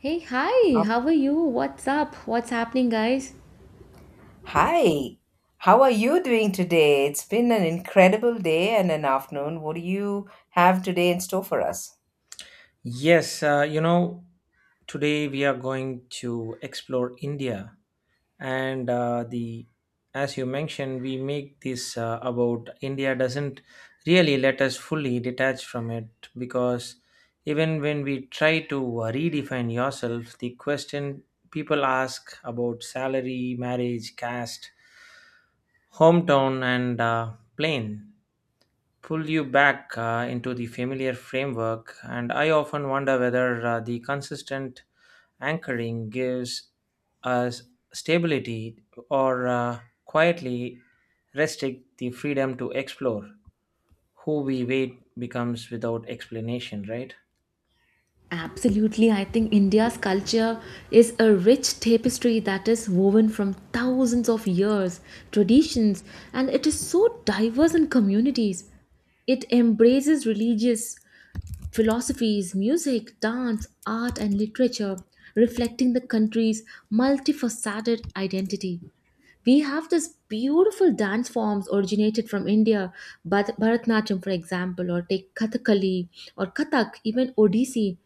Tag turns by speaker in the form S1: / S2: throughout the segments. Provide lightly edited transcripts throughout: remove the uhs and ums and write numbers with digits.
S1: Hey, hi,
S2: Up.
S1: how are you? What's up? What's happening, guys?
S2: Hi, how are you doing today? It's been an incredible day and an afternoon. What do you have today in store for us?
S3: Yes, today we are going to explore India and the as you mentioned, we make this about India doesn't really let us fully detach from it because even when we try to redefine yourself, the question people ask about salary, marriage, caste, hometown, and plane pull you back into the familiar framework. And I often wonder whether the consistent anchoring gives us stability or quietly restrict the freedom to explore. Who we wait becomes without explanation, right?
S1: Absolutely, I think India's culture is a rich tapestry that is woven from thousands of years, traditions, and it is so diverse in communities. It embraces religious, philosophies, music, dance, art, and literature, reflecting the country's multifaceted identity. We have this beautiful dance forms originated from India, Bharatanatyam, for example, or take Kathakali or Kathak, even Odissi.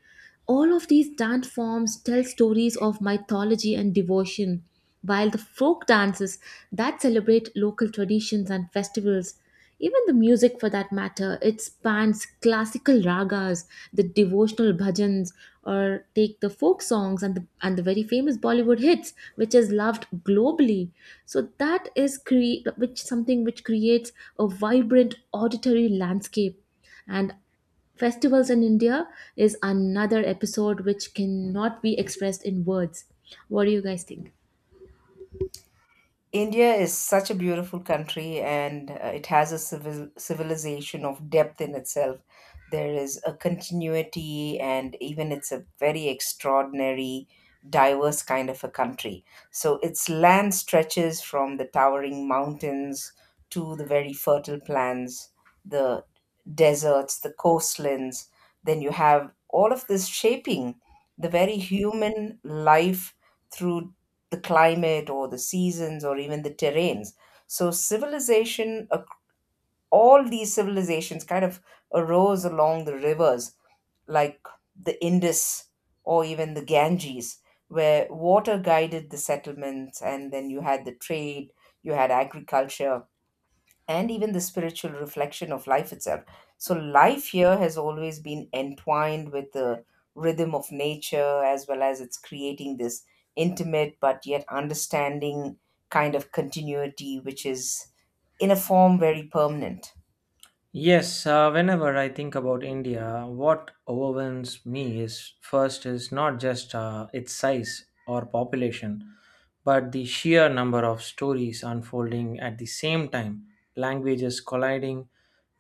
S1: All of these dance forms tell stories of mythology and devotion, while the folk dances that celebrate local traditions and festivals, even the music for that matter, it spans classical ragas, the devotional bhajans, or take the folk songs and the very famous Bollywood hits, which is loved globally. So that is cre- which something which creates a vibrant auditory landscape, and festivals in India is another episode which cannot be expressed in words. What do you guys think?
S2: India is such a beautiful country and it has a civilization of depth in itself. There is a continuity, and even it's a very extraordinary, diverse kind of a country. So, its land stretches from the towering mountains to the very fertile plains, the deserts, the coastlands. Then you have all of this shaping the very human life through the climate or the seasons or even the terrains. So all these civilizations kind of arose along the rivers like the Indus or even the Ganges, where water guided the settlements, and then you had the trade, you had agriculture, and even the spiritual reflection of life itself. So, life here has always been entwined with the rhythm of nature, as well as it's creating this intimate but yet understanding kind of continuity, which is in a form very permanent.
S3: Yes, whenever I think about India, what overwhelms me is first is not just its size or population, but the sheer number of stories unfolding at the same time, languages colliding,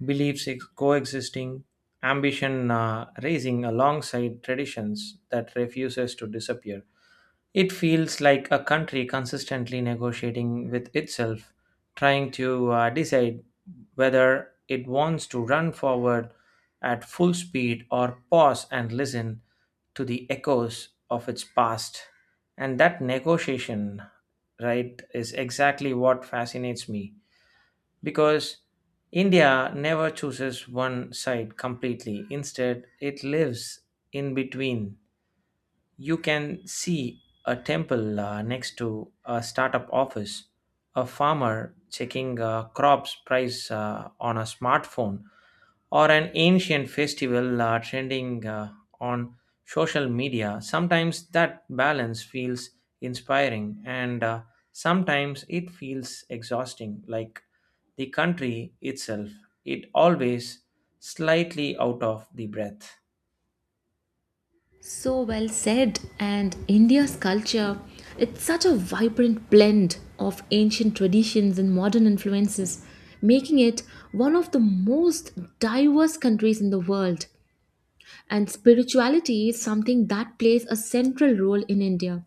S3: beliefs coexisting, ambition raising alongside traditions that refuses to disappear. It feels like a country consistently negotiating with itself, trying to decide whether it wants to run forward at full speed or pause and listen to the echoes of its past. And that negotiation, right, is exactly what fascinates me because India never chooses one side completely. Instead, it lives in between. You can see a temple next to a startup office, a farmer checking crops price on a smartphone, or an ancient festival trending on social media. Sometimes that balance feels inspiring, and sometimes it feels exhausting, like the country itself. It always slightly out of the breath.
S1: So well said. And India's culture, it's such a vibrant blend of ancient traditions and modern influences, making it one of the most diverse countries in the world. And spirituality is something that plays a central role in India.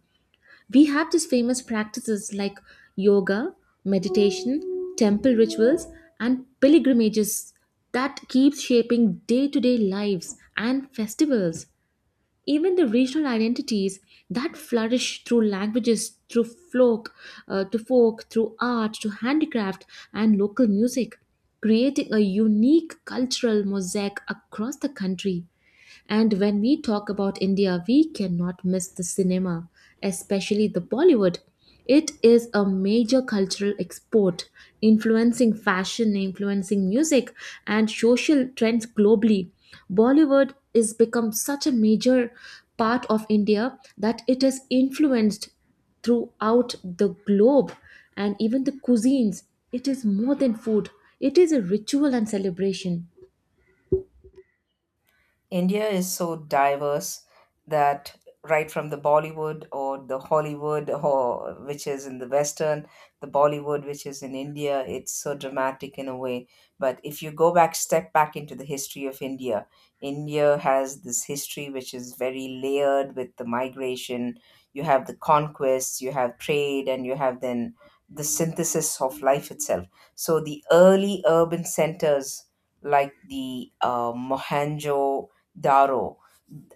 S1: We have these famous practices like yoga, meditation, temple rituals, and pilgrimages that keep shaping day to day lives and festivals, even the regional identities that flourish through languages, through folk to folk through art, to handicraft and local music, creating a unique cultural mosaic across the country. And when we talk about India, we cannot miss the cinema, especially the Bollywood. It is a major cultural export, influencing fashion, influencing music, and social trends globally. Bollywood is become such a major part of India that it has influenced throughout the globe, and even the cuisines. It is more than food, it is a ritual and celebration.
S2: India is so diverse that right from the Bollywood or the Hollywood or which is in the Western, the Bollywood which is in India, it's so dramatic in a way. But if you go back, step back into the history of India, India has this history which is very layered with the migration. You have the conquests, you have trade, and you have then the synthesis of life itself. So the early urban centers like the Mohanjo daro,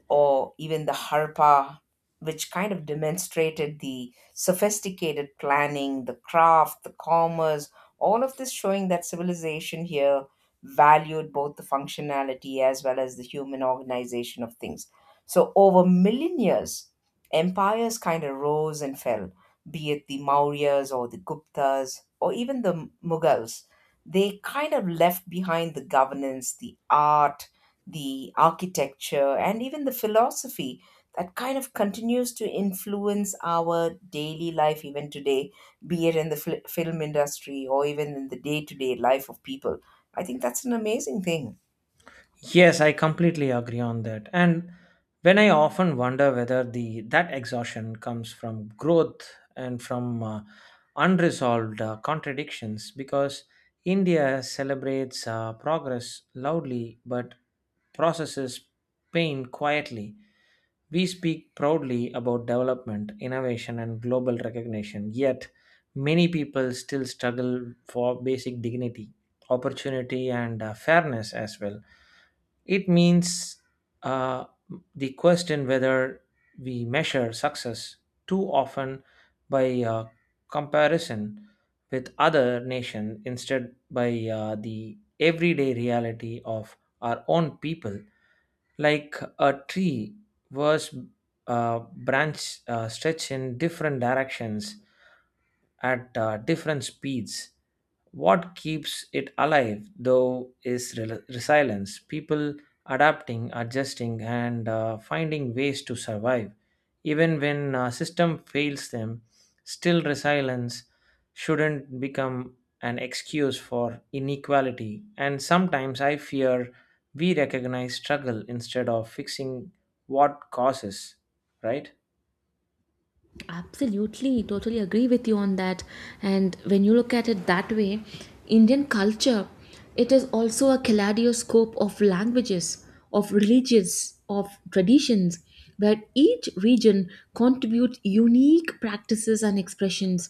S2: or even the harpa, which kind of demonstrated the sophisticated planning, the craft, the commerce, all of this showing that civilization here valued both the functionality as well as the human organization of things. So, over millennials, empires kind of rose and fell, be it the Mauryas or the Guptas or even the Mughals. They kind of left behind the governance, the art, the architecture, and even the philosophy that kind of continues to influence our daily life even today, be it in the film industry or even in the day to day life of people. I think that's an amazing thing.
S3: Yes, I completely agree on that. And when I often wonder whether the that exhaustion comes from growth and from unresolved contradictions, because India celebrates progress loudly but processes pain quietly. We speak proudly about development, innovation, and global recognition, yet many people still struggle for basic dignity, opportunity, and fairness as well. It means uh, the question whether we measure success too often by comparison with other nation instead by the everyday reality of our own people, like a tree was branch stretch in different directions at different speeds. What keeps it alive, though, is resilience, people adapting, adjusting, and finding ways to survive. Even when a system fails them, still resilience shouldn't become an excuse for inequality. And sometimes I fear we recognize struggle instead of fixing what causes, right?
S1: Absolutely, totally agree with you on that. And when you look at it that way, Indian culture, it is also a kaleidoscope of languages, of religions, of traditions, where each region contributes unique practices and expressions.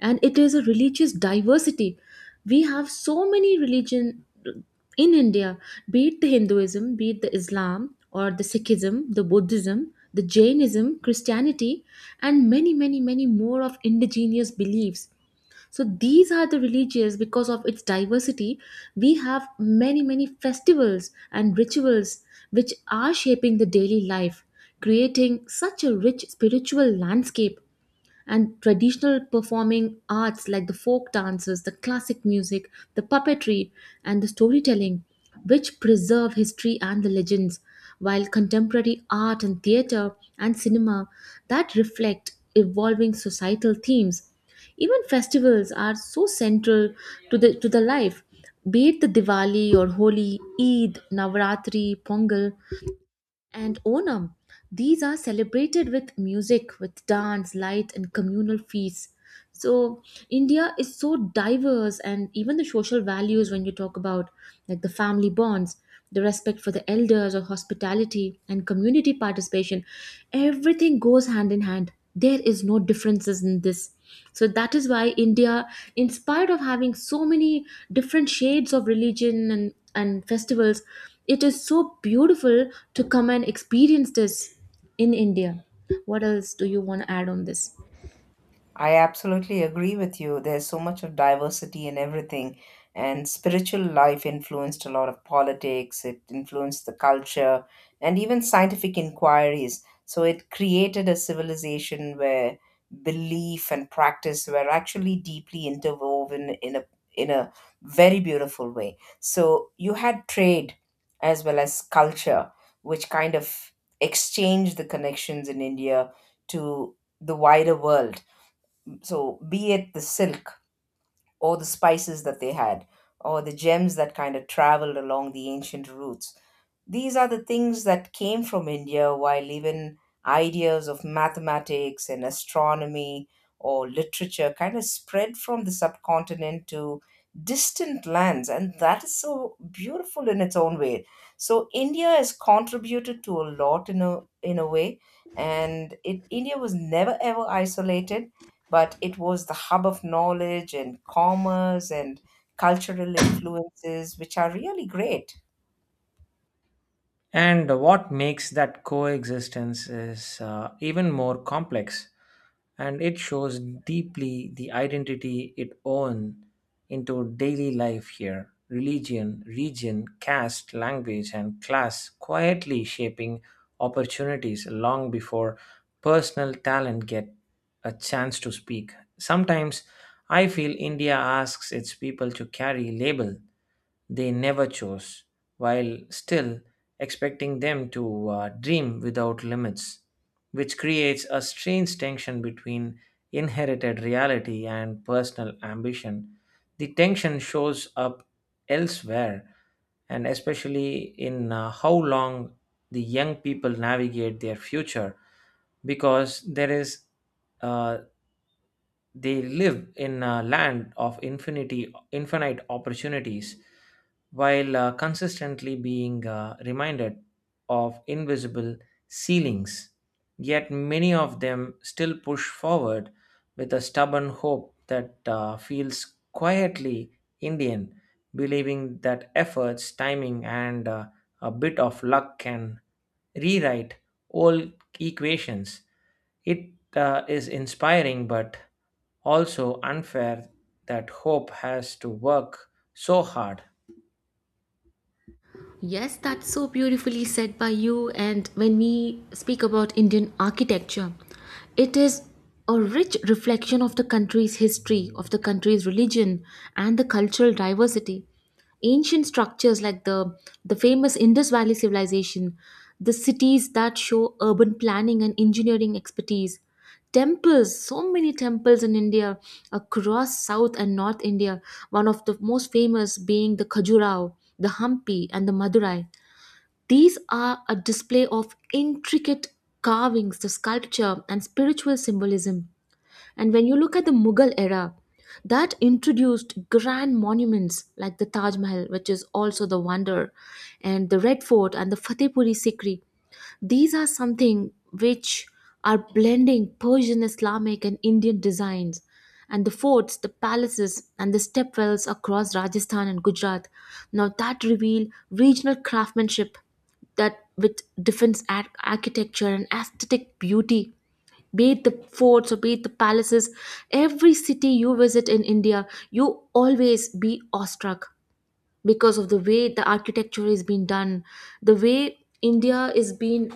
S1: And it is a religious diversity. We have so many religion in India, be it the Hinduism, be it the Islam or the Sikhism, the Buddhism, the Jainism, Christianity, and many, many, many more of indigenous beliefs. So these are the religions because of its diversity. We have many, many festivals and rituals which are shaping the daily life, creating such a rich spiritual landscape, and traditional performing arts like the folk dances, the classic music, the puppetry, and the storytelling, which preserve history and the legends, while contemporary art and theater and cinema that reflect evolving societal themes. Even festivals are so central to the life, be it the Diwali or Holi, Eid, Navaratri, Pongal, and Onam. These are celebrated with music, with dance, light, and communal feasts. So, India is so diverse, and even the social values, when you talk about like the family bonds, the respect for the elders, or hospitality and community participation, everything goes hand in hand. There is no differences in this. So that is why India, in spite of having so many different shades of religion and festivals, it is so beautiful to come and experience this in India. What else do you want to add on this?
S2: I absolutely agree with you. There's so much of diversity in everything, and spiritual life influenced a lot of politics, it influenced the culture, and even scientific inquiries. So it created a civilization where belief and practice were actually deeply interwoven in a very beautiful way. So you had trade as well as culture, which kind of exchanged the connections in India to the wider world so, be it the silk or the spices that they had, or the gems that kind of traveled along the ancient routes, these are the things that came from India, while even ideas of mathematics and astronomy or literature kind of spread from the subcontinent to distant lands, and that is so beautiful in its own way. So India has contributed to a lot in a way, and it India was never ever isolated, but it was the hub of knowledge and commerce and cultural influences, which are really great.
S3: And what makes that coexistence is even more complex and it shows deeply the identity it own into daily life here, religion, region, caste, language, and class quietly shaping opportunities long before personal talent get a chance to speak. Sometimes I feel India asks its people to carry label they never chose, while still expecting them to dream without limits, which creates a strange tension between inherited reality and personal ambition. The tension shows up elsewhere, and especially in how long the young people navigate their future because there is uh, they live in a land of infinity, infinite opportunities, while consistently being reminded of invisible ceilings. Yet many of them still push forward with a stubborn hope that feels quietly Indian, believing that efforts, timing, and a bit of luck can rewrite old equations. It is inspiring but also unfair that hope has to work so hard.
S1: Yes, that's so beautifully said by you. And when we speak about Indian architecture, it is a rich reflection of the country's history, of the country's religion, and the cultural diversity. Ancient structures like the famous Indus Valley civilization, the cities that show urban planning and engineering expertise, temples, so many temples in India across south and north India, one of the most famous being the Khajuraho, the Hampi, and the Madurai, these are a display of intricate carvings, the sculpture and spiritual symbolism. And when you look at the Mughal era, that introduced grand monuments like the Taj Mahal, which is also the wonder, and the Red Fort and the Fatehpuri Sikri. These are something which are blending Persian, Islamic, and Indian designs. And the forts, the palaces, and the stepwells across Rajasthan and Gujarat, now that reveal regional craftsmanship that with defense architecture and aesthetic beauty, be it the forts or be it the palaces, every city you visit in India, you always be awestruck because of the way the architecture is being done, the way India is being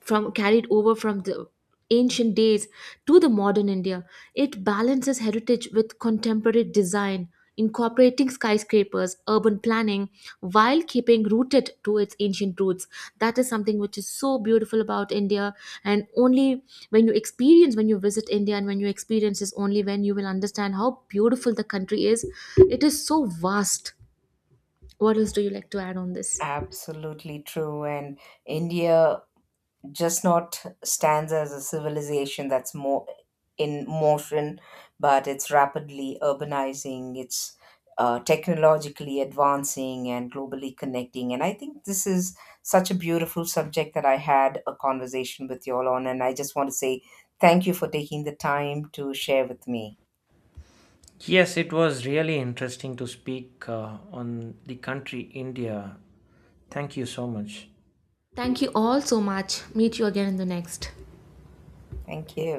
S1: from carried over from the ancient days to the modern India. It balances heritage with contemporary design, incorporating skyscrapers, urban planning, while keeping rooted to its ancient roots. That is something which is so beautiful about India, and only when you experience, when you visit India, and when you experience is only when you will understand how beautiful the country is. It is so vast. What else do you like to add on this?
S2: Absolutely true. And India just not stands as a civilization that's more in motion, but it's rapidly urbanizing, it's technologically advancing and globally connecting. And I think this is such a beautiful subject that I had a conversation with you all on. And I just want to say thank you for taking the time to share with me.
S3: Yes, it was really interesting to speak on the country India. Thank you so much.
S1: Thank you all so much. Meet you again in the next.
S2: Thank you.